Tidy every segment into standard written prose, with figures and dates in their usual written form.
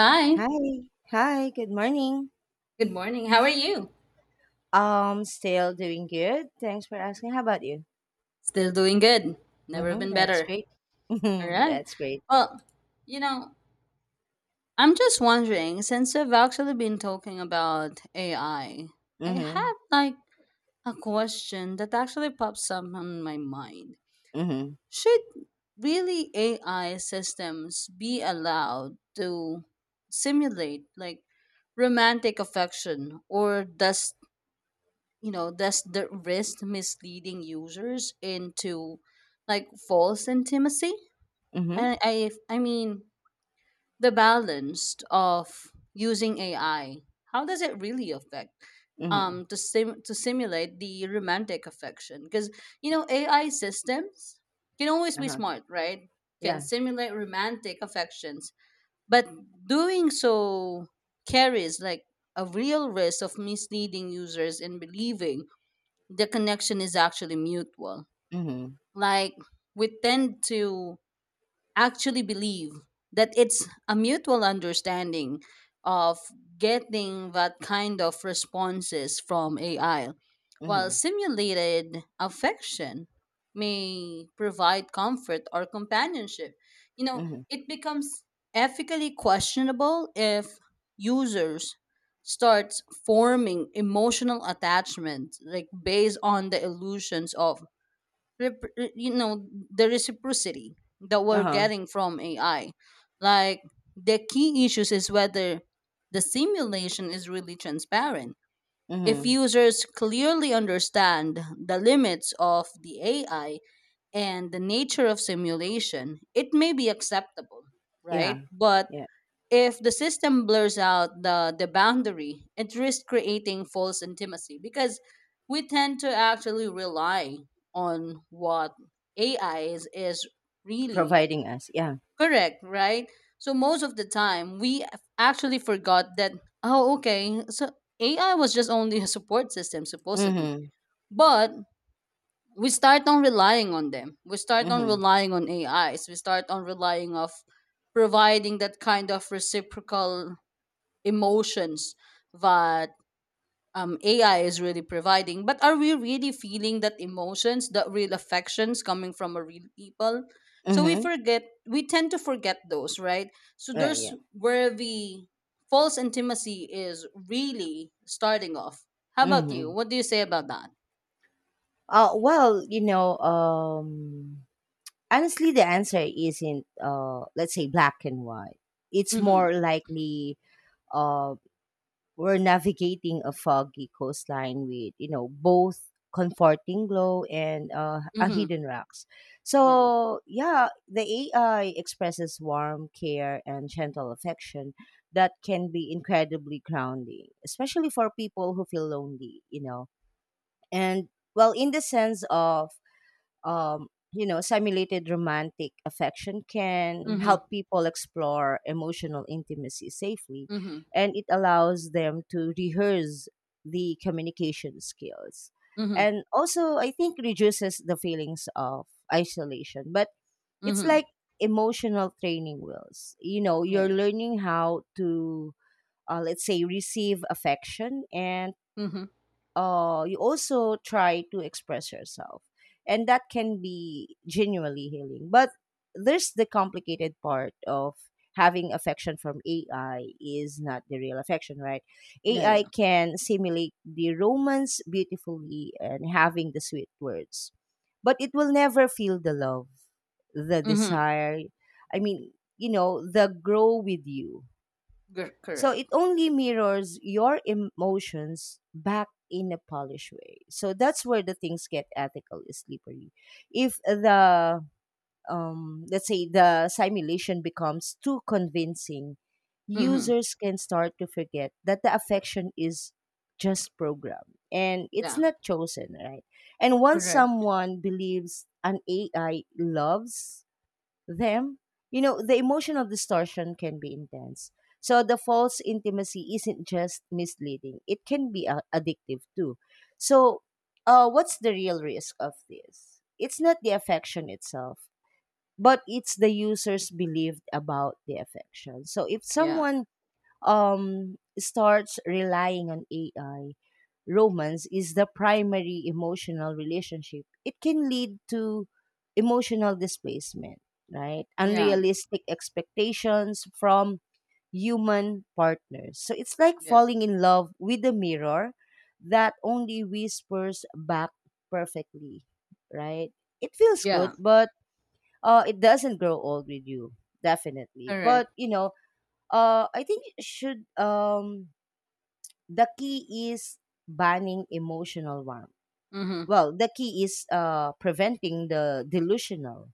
Hi. Hi. Hi, good morning. Good morning. How are you? Still doing good. Thanks for asking. How about you? Still doing good. Never Mm-hmm, been that's better. great. All Mm-hmm, right. that's great. Well, you know, I'm just wondering since we've actually been talking about AI, I Mm-hmm, have like a question that actually pops up on my mind. mm-hmm, Should really AI systems be allowed to simulate like romantic affection, or does does the risk misleading users into like false intimacy? mm-hmm, I mean, the balance of using AI, how does it really affect mm-hmm. To, to simulate the romantic affection? Because, AI systems can always be Uh-huh. smart, right? Can Yeah. simulate romantic affections, but doing so carries like a real risk of misleading users in believing the connection is actually mutual. Mm-hmm, Like we tend to actually believe that it's a mutual understanding of getting that kind of responses from AI, mm-hmm, while simulated affection may provide comfort or companionship. You know, mm-hmm. it becomes ethically questionable if users starts forming emotional attachment like based on the illusions of the reciprocity that we're Uh-huh. getting from AI. Like the key issues is whether the simulation is really transparent. If Mm-hmm. users clearly understand the limits of the AI and the nature of simulation, it may be acceptable, Yeah. right? But Yeah. if the system blurs out the boundary, it risks creating false intimacy, because we tend to actually rely on what ai is really Providing us. Yeah. correct, right? So most of the time we actually forgot that, oh, okay, so ai was just only a support system supposedly, Mm-hmm, but we start on relying on them, we start on mm-hmm, relying on ais, we start on relying of providing that kind of reciprocal emotions that AI is really providing. But are we really feeling that emotions, that real affections coming from a real people? So we mm-hmm. forget, we tend to forget those, right? So Yeah, there's yeah. where the false intimacy is really starting off. How about you? Mm-hmm. What do you say about that? Well, you know, honestly, the answer isn't, let's say, black and white. It's Mm-hmm. more likely uh, we're navigating a foggy coastline with, you know, both comforting glow and a Mm-hmm. hidden rocks. Yeah, So, yeah, the AI expresses warm care and gentle affection that can be incredibly grounding, especially for people who feel lonely, you know. And well, in the sense of um, you know, simulated romantic affection yeah. can Mm-hmm. help people explore emotional intimacy safely, Mm-hmm. and it allows them to rehearse the communication skills. Mm-hmm. And also, I think reduces the feelings of isolation. But it's Mm-hmm. like emotional training wheels. You know, Yeah, you're yeah. learning how to, let's say, receive affection, and Mm-hmm. You also try to express yourself. And that can be genuinely healing. But there's the complicated part of having affection from AI is not the real affection, right? Yeah, AI yeah. can simulate the romance beautifully and having the sweet words, but it will never feel the love, the Mm-hmm. desire. I mean, you know, the grow with you, so it Correct. only mirrors your emotions back in a polished way. So that's where the things get ethically slippery. If the let's say the simulation becomes too convincing, Mm-hmm. users can start to forget that the affection is just programmed and it's Yeah. not chosen, right? And once Correct. someone believes an AI loves them. You know, the emotional distortion can be intense. So the false intimacy isn't just misleading, it can be addictive too. So, what's the real risk of this? It's not the affection itself, but it's the user's belief about the affection. So, if Yeah. someone starts relying on AI, romance is the primary emotional relationship, it can lead to emotional displacement, right? Yeah. Unrealistic expectations from human partners. So it's like Yeah. falling in love with a mirror that only whispers back perfectly, right? It feels good, Yeah, but it doesn't grow old with you, definitely. But, correct. you know, I think should the key is banning emotional warmth. Mm-hmm. Well, the key is preventing the delusional.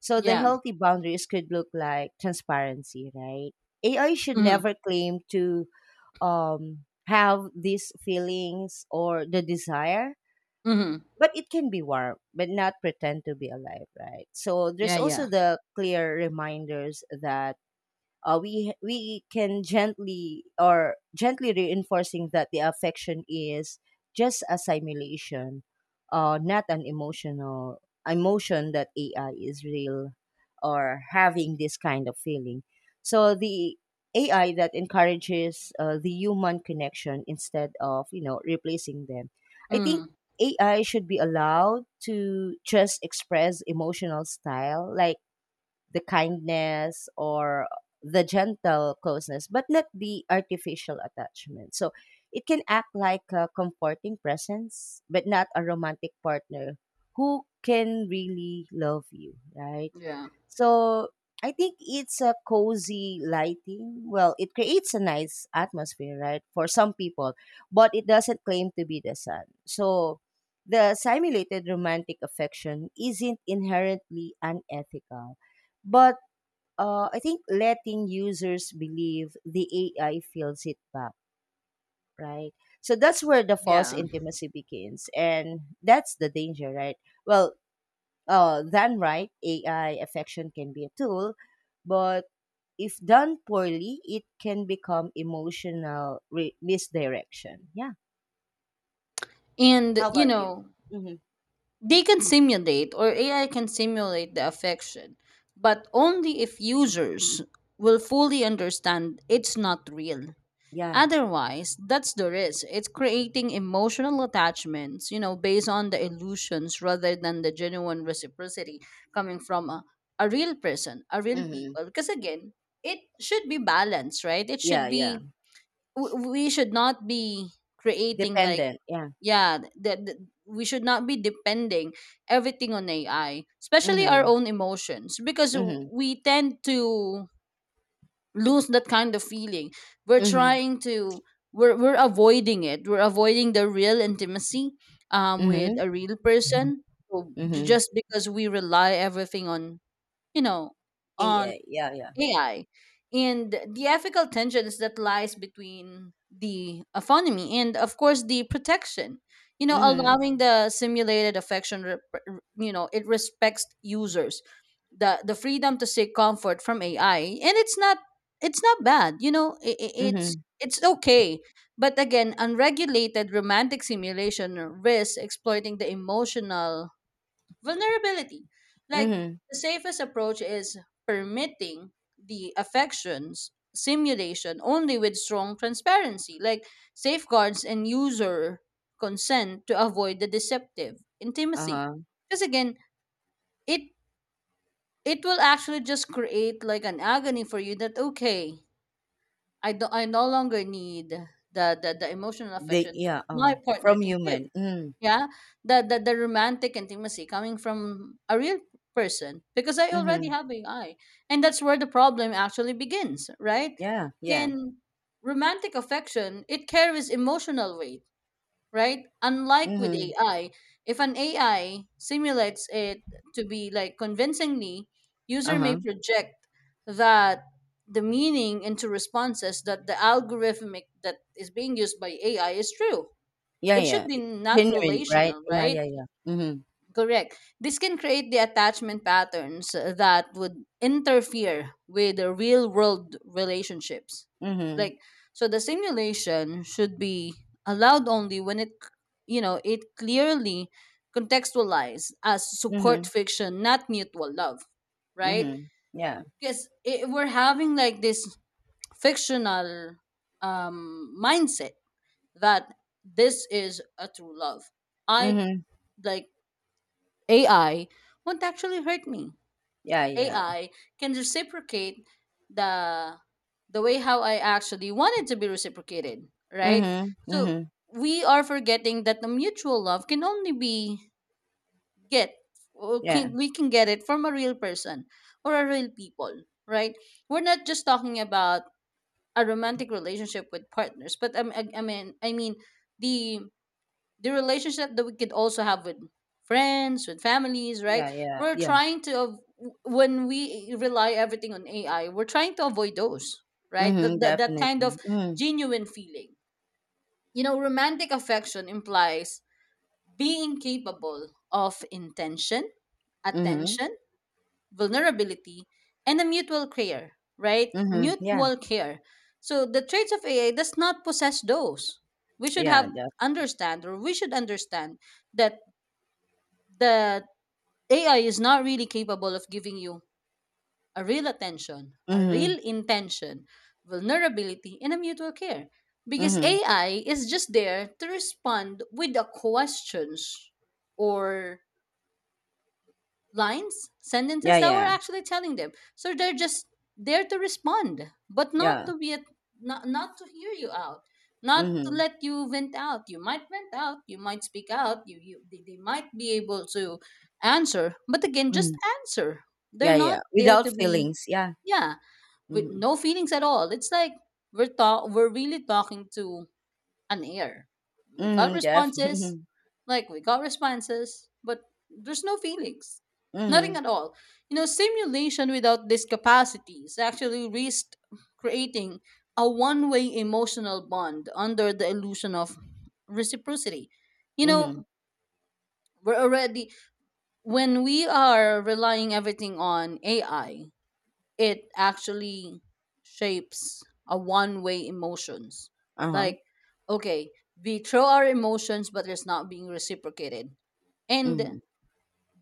So the Yeah. healthy boundaries could look like transparency, right? AI should Mm-hmm. never claim to have these feelings or the desire, Mm-hmm. but it can be warm, but not pretend to be alive, right? So there's Yeah, yeah. also the clear reminders that we can gently or gently reinforcing that the affection is just a simulation, not an emotion that AI is real or having this kind of feeling. So the AI that encourages the human connection instead of, you know, replacing them. I Mm-hmm. think AI should be allowed to just express emotional style like the kindness or the gentle closeness, but not the artificial attachment. So it can act like a comforting presence, but not a romantic partner who can really love you, right? Yeah. So I think it's a cozy lighting. Well, it creates a nice atmosphere, right, for some people, but it doesn't claim to be the sun. So the simulated romantic affection isn't inherently unethical, but I think letting users believe the AI fills it back, right? So that's where the false Yeah. intimacy begins, and that's the danger, right? Well, than right, AI affection can be a tool, but if done poorly, it can become emotional misdirection. Yeah. And How about you? Mm-hmm. they can simulate, or AI can simulate the affection, but only if users will fully understand it's not real. Yeah. Otherwise, that's the risk. It's creating emotional attachments, based on the illusions rather than the genuine reciprocity coming from a real person, a real Mm-hmm. people. Because again, it should be balanced, right? It should Yeah. Yeah. be, we should not be creating like, Dependent. Yeah. yeah, that we should not be depending everything on AI, especially our Mm-hmm. own emotions, because Mm-hmm. we tend to lose that kind of feeling. We're Mm-hmm. trying to we're avoiding it. We're avoiding the real intimacy with Mm-hmm. a real person. So Mm-hmm. just because we rely everything on, you know, on AI. Yeah. Yeah. AI, and the ethical tensions that lies between the autonomy and of course the protection, Mm-hmm. allowing the simulated affection, it respects users the freedom to seek comfort from AI, and it's not, it's not bad, it's Mm-hmm. it's okay, but again, unregulated romantic simulation risks exploiting the emotional vulnerability. Like, Mm-hmm. the safest approach is permitting the affections simulation only with strong transparency, like safeguards and user consent to avoid the deceptive intimacy. Uh-huh. Because again, it it will actually just create like an agony for you that, okay, I no longer need the emotional They. affection that Yeah. my Uh-huh. partner From can give, human. Mm-hmm. yeah, the romantic intimacy coming from a real person, because I already Mm-hmm. have ai, and that's where the problem actually begins, right? Yeah. Yeah. In romantic affection, it carries emotional weight, right? Unlike with Mm-hmm. ai, if an ai simulates it to be like convincingly, user may Uh-huh. project that the meaning into responses, that the algorithmic that is being used by ai is true. Yeah. It should Yeah. be not Genuine. Right. relational, Yeah. right? Yeah. Yeah. Mm-hmm. Correct, this can create the attachment patterns that would interfere with the real world relationships. Mhm. Like, so the simulation should be allowed only when it, it clearly contextualized as support Mhm. fiction, not mutual love, right? Mhm. Yeah. Because it, we're having like this fictional mindset that this is a true love. I Mhm. Like, AI won't actually hurt me. Yeah, yeah. AI can reciprocate the the way how I actually wanted to be reciprocated, right? Mhm. So Mhm. we are forgetting that the mutual love can only be get, or Yeah. can, we can get it from a real person or a real people, right? We're not just talking about a romantic relationship with partners, but I mean the relationship that we could also have with friends, with families, right? Yeah, yeah. we're Yeah. trying to av- When we rely everything on ai, we're trying to avoid those, right? Mhm. That Definitely. kind of Mhm. genuine feeling. You know, romantic affection implies being capable of intention, Mhm. attention, vulnerability, and a mutual care, right? Mhm. Yeah. Mutual care. So the traits of ai does not possess those. We should Yeah. have understand, or we should understand that that AI is not really capable of giving you a real attention, a Mhm. real intention, vulnerability, and a mutual care. Because Mhm. AI is just there to respond with the questions or lines, sentences Yeah, that we're yeah. actually telling them. So they're just there to respond, but not Yeah. to be not to hear you out, not to Mhm. let you vent out. You might vent out, you might speak out, you they might be able to answer, but again, just Mhm. answer. They're Yeah, not yeah. there to Without be, feelings. Yeah. yeah, with Mhm. no feelings at all. It's like we're really talking to on air. We got Mhm. Def. responses, like we got responses, but there's no feelings. Mhm. Nothing Mhm. at all. You know, simulation without these capacities actually risked creating a one way emotional bond under the illusion of reciprocity. You Mhm. know, we're already, when we are relying everything on AI, it actually shapes a one way emotions. Uh huh. Like, okay, we throw our emotions, but it's not being reciprocated, and Mhm.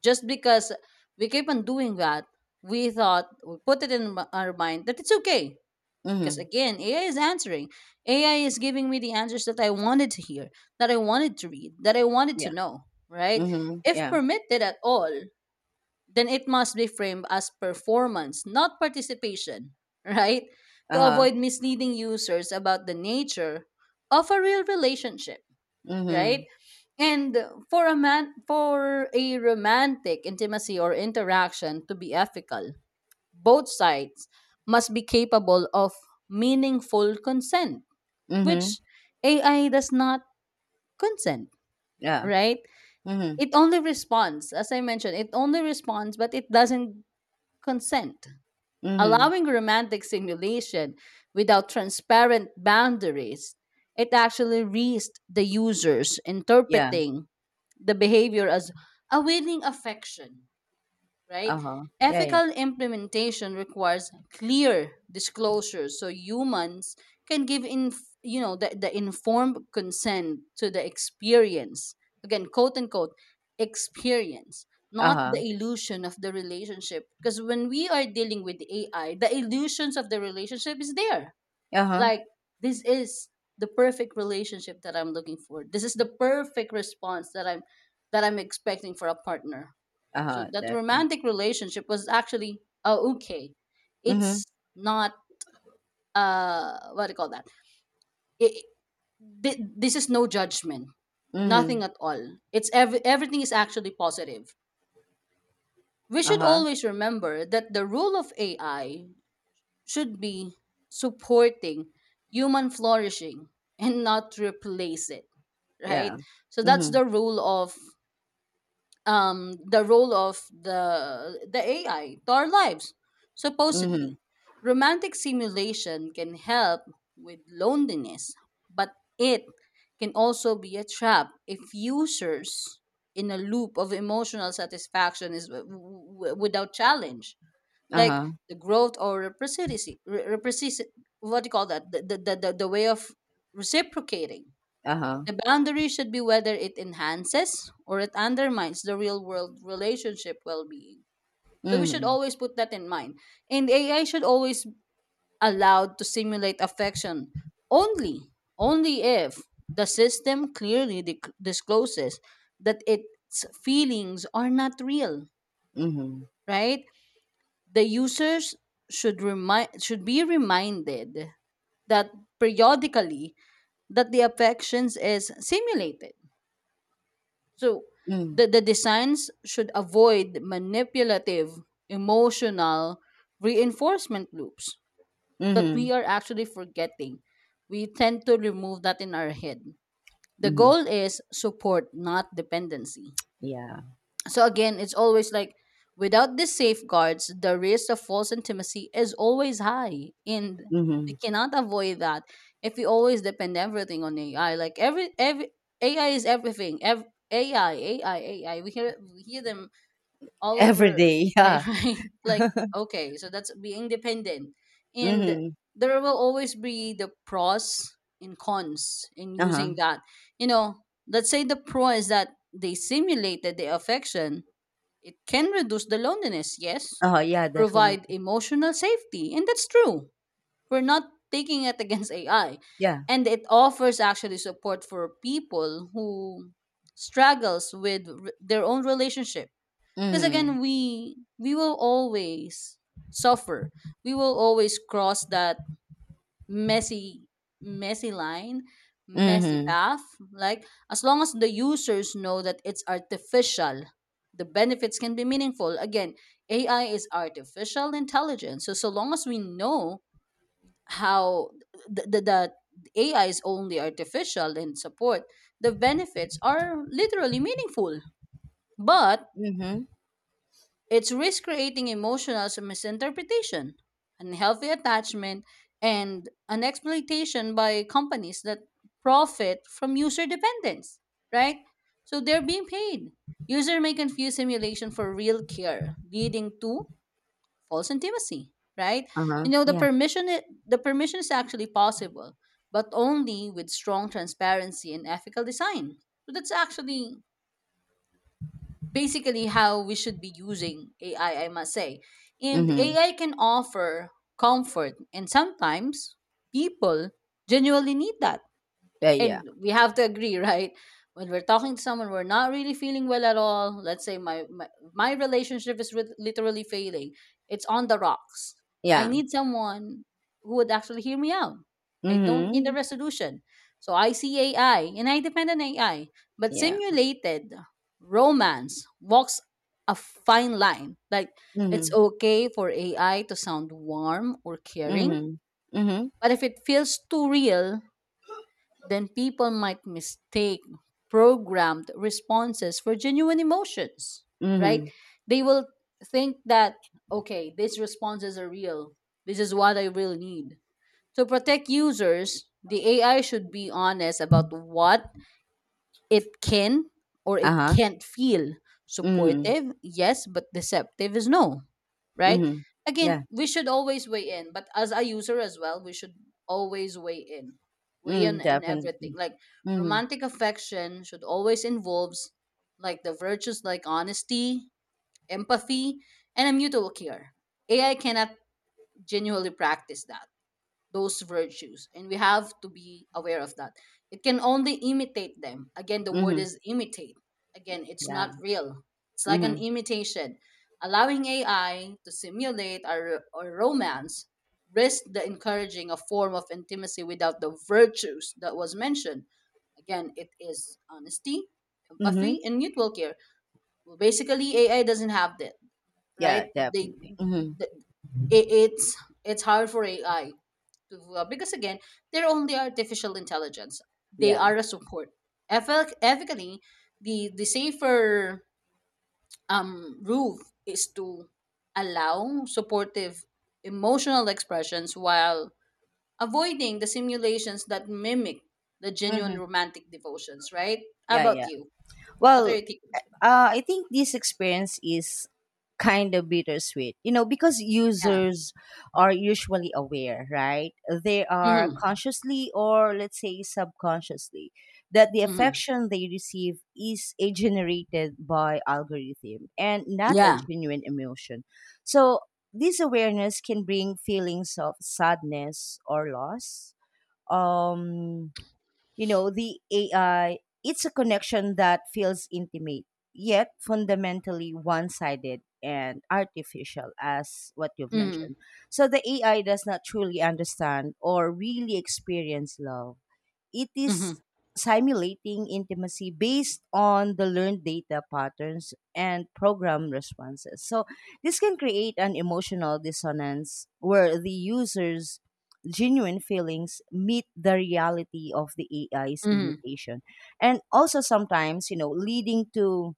just because we keep on doing that, we thought, we put it in our mind that it's okay, because Mhm. again, ai is answering, ai is giving me the answers that I wanted to hear, that I wanted to read, that I wanted to Yeah. know, right? Mhm. If Yeah. permitted at all, then it must be framed as performance, not participation, right? Uh To huh. avoid misleading users about the nature of a real relationship, right? Mhm. And for a romantic intimacy or interaction to be ethical, both sides must be capable of meaningful consent, Mhm. which AI does not consent, Yeah. right? Mhm. It only responds, as I mentioned, it only responds, but it doesn't consent. Mhm. Allowing romantic simulation without transparent boundaries, it actually risks the users Yeah. interpreting the behavior as a willing affection, right? Uh huh. Yeah. Yeah. Ethical implementation requires clear disclosure so humans can give in, the informed consent to the experience. Again, quote unquote experience, Uh not the huh. illusion of the relationship. Because when we are dealing with AI, the illusions of the relationship is there. Uh-huh, Like, this is the perfect relationship that I'm looking for. This is the perfect response that I'm expecting for a partner, so uh-huh, that definitely. romantic relationship was actually, okay. Mhm, It's not, what do you call that? It, it, this is no judgment, mhm, nothing at all. It's everything is actually positive. We should uh-huh, always remember that the role of AI should be supporting human flourishing and not replace it, yeah. right? So that's Mhm, the rule of, the role of the AI to our lives. mhm, Supposedly, romantic simulation can help with loneliness, but it can also be a trap if users in a loop of emotional satisfaction is without challenge, like uh-huh, the growth or reciprocity. What do you call that? The way of reciprocating, uh-huh, the boundary should be whether it enhances or it undermines the real world relationship well being. So we should mhm, always put that in mind. And AI should always be allowed to simulate affection only, only if the system clearly dic discloses that its feelings are not real, mhm, right? The users should be reminded that periodically that the affections is simulated. So mhm, the designs should avoid manipulative, emotional reinforcement loops that we mhm, are actually forgetting. We tend to remove that in our head. The mhm, goal is support, not dependency. yeah, So again, it's always like, without these safeguards, the risk of false intimacy is always high, and we mhm. cannot avoid that if we always depend everything on AI. Like, every AI is everything. AI, AI, AI. We hear them all Every over, day, like, yeah, right? Like, okay, so that's being dependent, and mhm, there will always be the pros and cons in uh-huh, using that. You know, let's say the pro is that they simulated the affection, it can reduce the loneliness, yes, uh-huh, yeah, definitely, provide emotional safety, and that's true. We're not taking it against AI. yeah, And it offers actually support for people who struggles with their own relationship. Because mhm, again, we will always suffer. We will always cross that messy messy line, messy mhm, path, like as long as the users know that it's artificial, the benefits can be meaningful. Again, ai is artificial intelligence, so long as we know how the ai is only artificial in support, the benefits are literally meaningful, but mhm, it's risk creating emotional misinterpretation, unhealthy attachment, and an exploitation by companies that profit from user dependence, right? So they're being paid. User may confuse simulation for real care, leading to false intimacy, right? uh-huh, You know, the yeah, the permission is actually possible, but only with strong transparency and ethical design. So that's actually basically how we should be using AI, I must say. And mhm, AI can offer comfort, and sometimes people genuinely need that, yeah, and yeah, we have to agree. Right, when we're talking to someone, we're not really feeling well at all. Let's say my relationship is literally failing, it's on the rocks. I yeah, need someone who would actually hear me out. I don't need a mhm, resolution. So I see ai and I depend on ai. But yeah, simulated romance walks a fine line, like it's mhm, okay for ai to sound warm or caring, mhm, mhm, but if it feels too real, then people might mistake programmed responses for genuine emotions, right? mhm, They will think that, okay, these responses are real. This is what I really need. To protect users, the AI should be honest about what it can or it uh-huh, can't feel. mhm, Supportive, yes, but deceptive is no, right? mhm, yeah. Again, we should always weigh in, but as a user as well, we should always weigh in, weigh in Mm, and everything. definitely. Like Mhm, romantic affection should always involves like the virtues like honesty, empathy, and a mutual care. AI cannot genuinely practice that, those virtues, and we have to be aware of that. It can only imitate them. Again, the word mhm, is imitate. Again, it's not yeah, real, it's like an mhm, imitation. Allowing ai to simulate our romance risk the encouraging a form of intimacy without the virtues that was mentioned. Again, it is honesty, mhm, empathy, and mutual care. Well, basically ai doesn't have that, yeah, right? They definitely. Mhm, th- it's it's hard for ai to because again, they're only artificial intelligence, they yeah, are a support. Ethically, the safer rule is to allow supportive emotional expressions while avoiding the simulations that mimic the genuine mhm, romantic devotions, right? How yeah, about yeah. you? What are your Well, takeaways for that? I think this experience is kind of bittersweet, you know, because Yeah. users are usually aware, right? They are Mm-hmm. consciously or, let's say, subconsciously that the Mm-hmm. affection they receive is a generated by algorithm and not a Yeah. genuine emotion. So this awareness can bring feelings of sadness or loss. Um, you know, the AI, it's a connection that feels intimate, yet fundamentally one sided and artificial, as what you've Mm-hmm. mentioned. So the AI does not truly understand or really experience love. It Mm-hmm. is simulating intimacy based on the learned data patterns and program responses. So this can create an emotional dissonance where the user's genuine feelings meet the reality of the AI's Mm-hmm. limitation. And also, sometimes, you know, leading to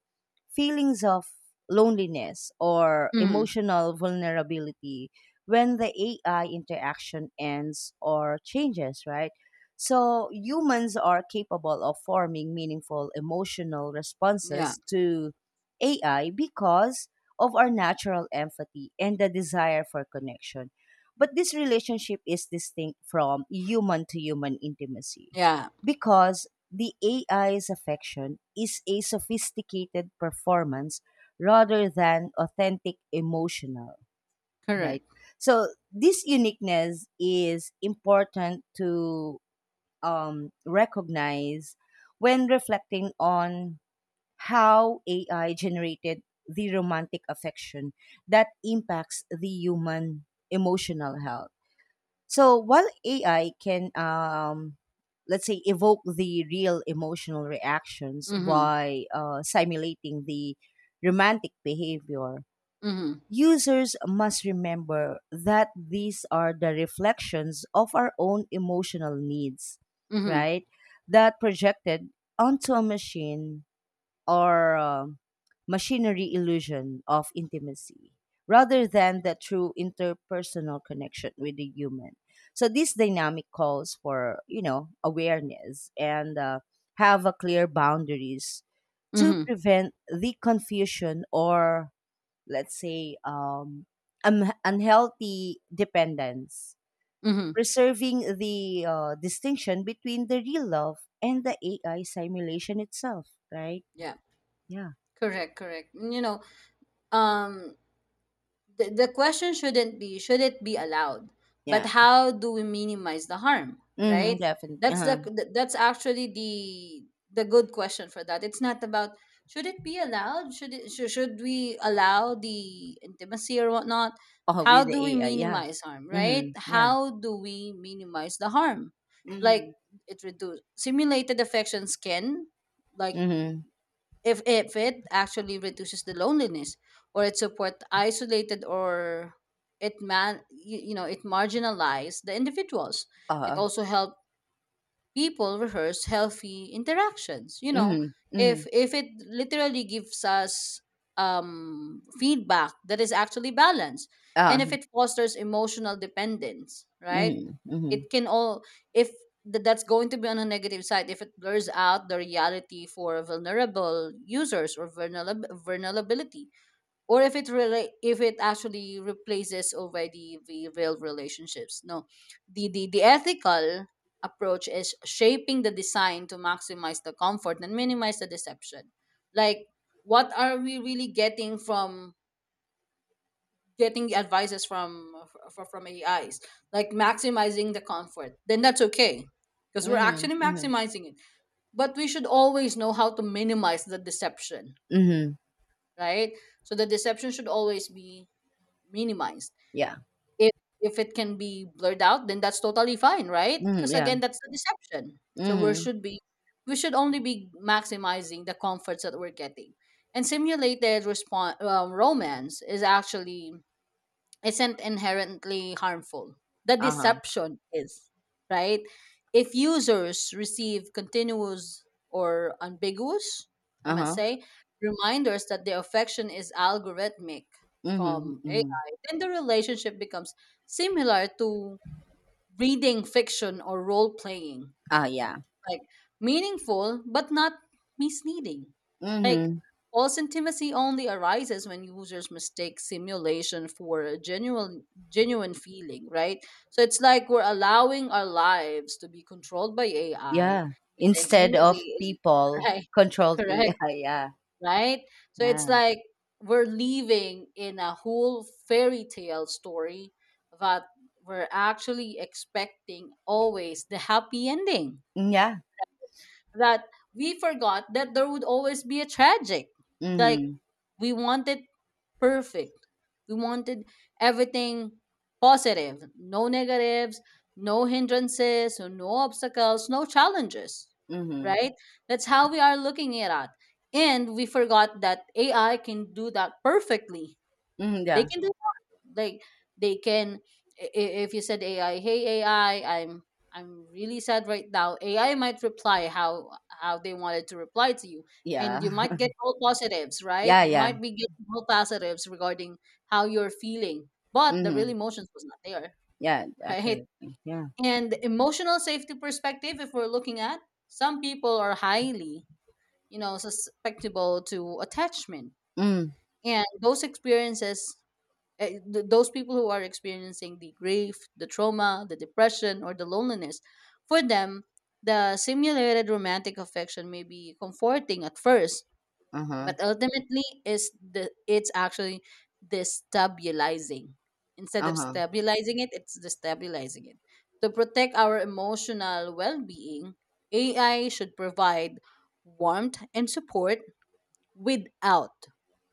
feelings of loneliness or Mm-hmm. emotional vulnerability when the AI interaction ends or changes, right? So humans are capable of forming meaningful emotional Yeah. responses to AI because of our natural empathy and the desire for connection. But this relationship is distinct from human to human intimacy Yeah. because the AI's affection is a sophisticated performance rather than authentic emotional, right? Correct. So this uniqueness is important to recognize when reflecting on how AI generated the romantic affection that impacts the human emotional health. So while AI can, let's say, evoke the real emotional reactions Mm-hmm. by simulating the romantic behavior, Mm-hmm. users must remember that these are the reflections of our own emotional needs, Mm-hmm. right? That projected onto a machine or machinery illusion of intimacy rather than the true interpersonal connection with the human. So this dynamic calls for, you know, awareness and have a clear boundaries to Mm-hmm. prevent the confusion or, let's say, unhealthy dependence, Mm-hmm. preserving the distinction between the real love and the AI simulation itself, right? Yeah, Yeah. correct, correct. You know, um, the question shouldn't be should it be allowed, but Yeah. how do we minimize the harm, Mm-hmm, right? definitely. That's Uh-huh. That's actually the good question for that. It's not about should it be allowed, should we allow the intimacy or whatnot. Oh, How with do we the AI. Yeah. minimize harm, right? Mm-hmm. Yeah. How do we minimize the harm? Like Mm-hmm. it reduce simulated affection can, like, Mm-hmm. if it actually reduces the loneliness, or it support isolated, or it man, you know, it marginalize the individuals. It Uh, also help people rehearse healthy interactions, you know, mm-hmm. Mm-hmm. if it literally gives us feedback that is actually balanced, and Uh, if it fosters emotional dependence, right? mm-hmm. Mm-hmm. It can all, if that's going to be on a negative side if it blurs out the reality for vulnerable users, or vulnerability, or if it really, if it actually replaces already the real relationships. No, the ethical approach is shaping the design to maximize the comfort and minimize the deception. Like what are we really getting from getting the advices from from ais, like maximizing the comfort, then that's okay, because we're Mm-hmm. actually Mm-hmm. maximizing it. But we should always know how to minimize the deception, Mm-hmm. right? So the deception should always be minimized. Yeah. If if it can be blurred out, then that's totally fine, right? Mm-hmm. Because Yeah. again, that's the deception. So we Mm-hmm. should be, we should only be maximizing the comforts that we're getting. And simulated response, romance is actually isn't inherently harmful. The Uh-huh. deception is, right? If users receive continuous or ambiguous, I might Uh-huh. say, reminders that their affection is algorithmic Mm-hmm. from Mm-hmm. AI, then the relationship becomes similar to reading fiction or role playing, Ah, yeah. like meaningful but not misleading. Like Mm-hmm. false intimacy only arises when users mistake simulation for a genuine feeling, right? So it's like we're allowing our lives to be controlled by AI. Yeah, The instead intimacy of is people right, controlled correct, AI. right? So it's Yeah, like we're living in a whole fairy tale story, that we're actually expecting always the happy ending, yeah, mm, yeah. that we forgot that there would always be a tragic. Like Mm-hmm. we wanted perfect. We wanted everything positive, no negatives, no hindrances, so no obstacles, no challenges. Mm-hmm. Right? That's how we are looking at it. And we forgot that AI can do that perfectly. Mm, They yeah, can do, like they can, i- i- if you said ai, hey ai, I'm really sad right now, ai might reply how they wanted to reply to you, yeah, and you might get all positives, right? yeah, You yeah. might be getting all positives regarding how you're feeling, but the real Mm-hmm. emotions was not there. Yeah, Right, definitely. Yeah. and emotional safety perspective if we're looking at, some people are highly, you know, susceptible to attachment, Mm. and those experiences, those people who are experiencing the grief, the trauma, the depression, or the loneliness, for them, the simulated romantic affection may be comforting at first, Uh huh. but ultimately, is the it's actually destabilizing. Instead Uh of huh. stabilizing it, it's destabilizing it. To protect our emotional well-being, AI should provide warmth and support without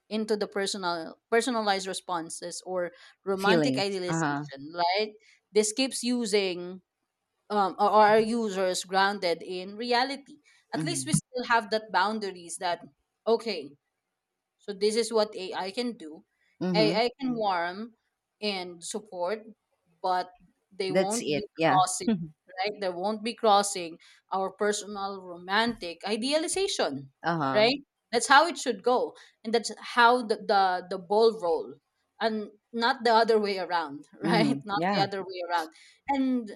into the personalized responses or romantic Feelings. Uh idealization, huh. right? This keeps using our users grounded in reality. At least Mm-hmm. we still have that boundaries that, okay, so this is what AI can do. Mm-hmm. AI can warm and support, but they That's won't be it. Yeah. crossing, right? They won't be crossing our personal romantic idealization, Uh huh. right? That's how it should go. And that's how the ball roll. And not the other way around, right? Mm-hmm. Not the Yeah. other way around. And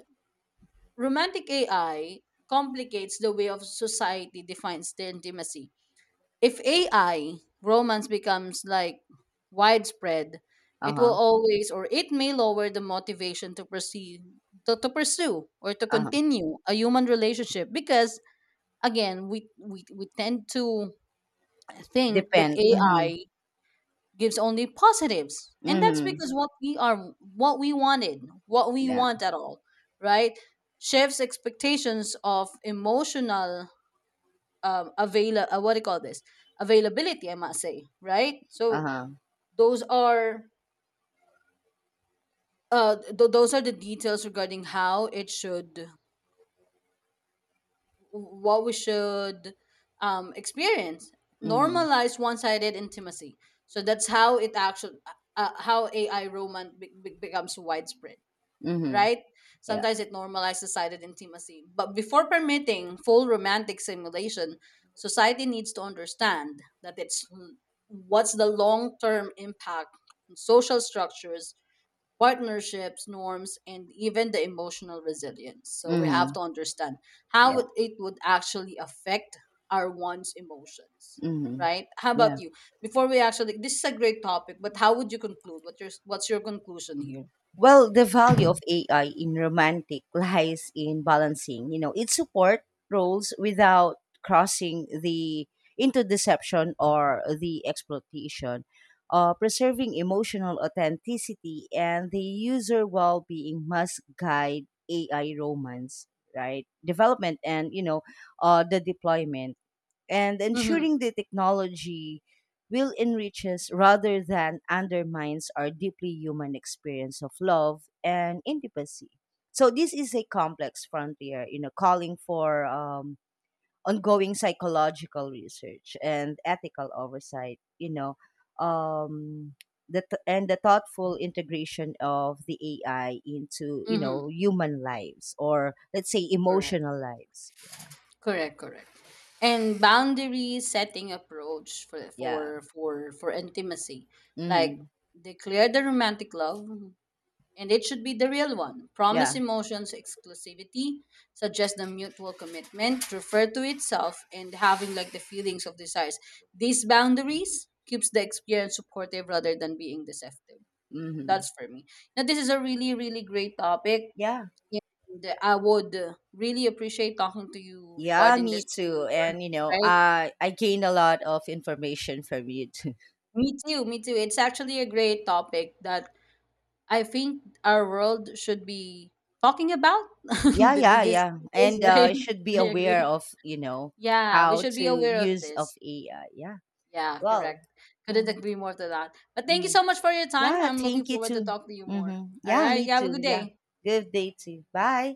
romantic AI complicates the way of society defines the intimacy. If AI romance becomes like widespread, Uh it will huh. always, or it may lower the motivation to pursue, to pursue or to Uh huh. continue a human relationship, because again, we tend to think that Depend. Mm-hmm. AI gives only positives, and that's Mm-hmm. because what we are, what we wanted, what we Yeah. want at all, right? Shifts expectations of emotional, avail what do you call this, availability, I must say, right? Uh So huh. those are, those are the details regarding how it should, what we should, experience, Mm-hmm. normalize one-sided intimacy. So that's how it actually, how ai romance becomes widespread, Mm-hmm. right? Yeah. Sometimes it normalizes sighted intimacy. But before permitting full romantic simulation, society needs to understand that it's what's the long term impact on social structures, partnerships, norms, and even the emotional resilience. So we have Mm-hmm. to understand how Yeah. it it would actually affect our one's emotions. Mm-hmm. Right? How about Yeah. you? Before we actually, this is a great topic, but how would you conclude? What your what's your conclusion here? Well, the value of AI in romantic lies in balancing, you know, its support roles without crossing the into deception or the exploitation, preserving emotional authenticity and the user well-being must guide AI romance, right? Development and, you know, the deployment and Mm-hmm. ensuring the technology will enriches rather than undermines our deeply human experience of love and intimacy. So this is a complex frontier, you know, calling for ongoing psychological research and ethical oversight, you know, um, and the thoughtful integration of the AI into, you Mm-hmm. know, human lives or, let's say, Correct. emotional lives. Correct, correct. And boundary setting approach Yeah. For intimacy. Like Hmm. declare the romantic love and it should be the real one. Promise Yeah. emotions exclusivity, suggest the mutual commitment, refer to itself and having like the feelings of desires. These boundaries keeps the experience supportive rather than being deceptive. Hmm. That's for me. Now this is a really, really great topic. Yeah. And I would really appreciate talking to you Yeah, regarding this me too. more, And you know, right? I gained a lot of information from you too. Me too, me too. It's actually a great topic that I think our world should be talking about. Yeah, yeah, This yeah. is And right. should be I aware agree. of, you know, Yeah, we how should be to aware of use of this. AI. Yeah. Yeah, Well. correct. Couldn't Hmm. agree more to that. But thank you Hmm. so much for your time. Yeah, I'm thank looking you forward to too. talk to you Hmm. more. All Yeah, right. me You have a too. good Yeah. day. Good day too. Bye.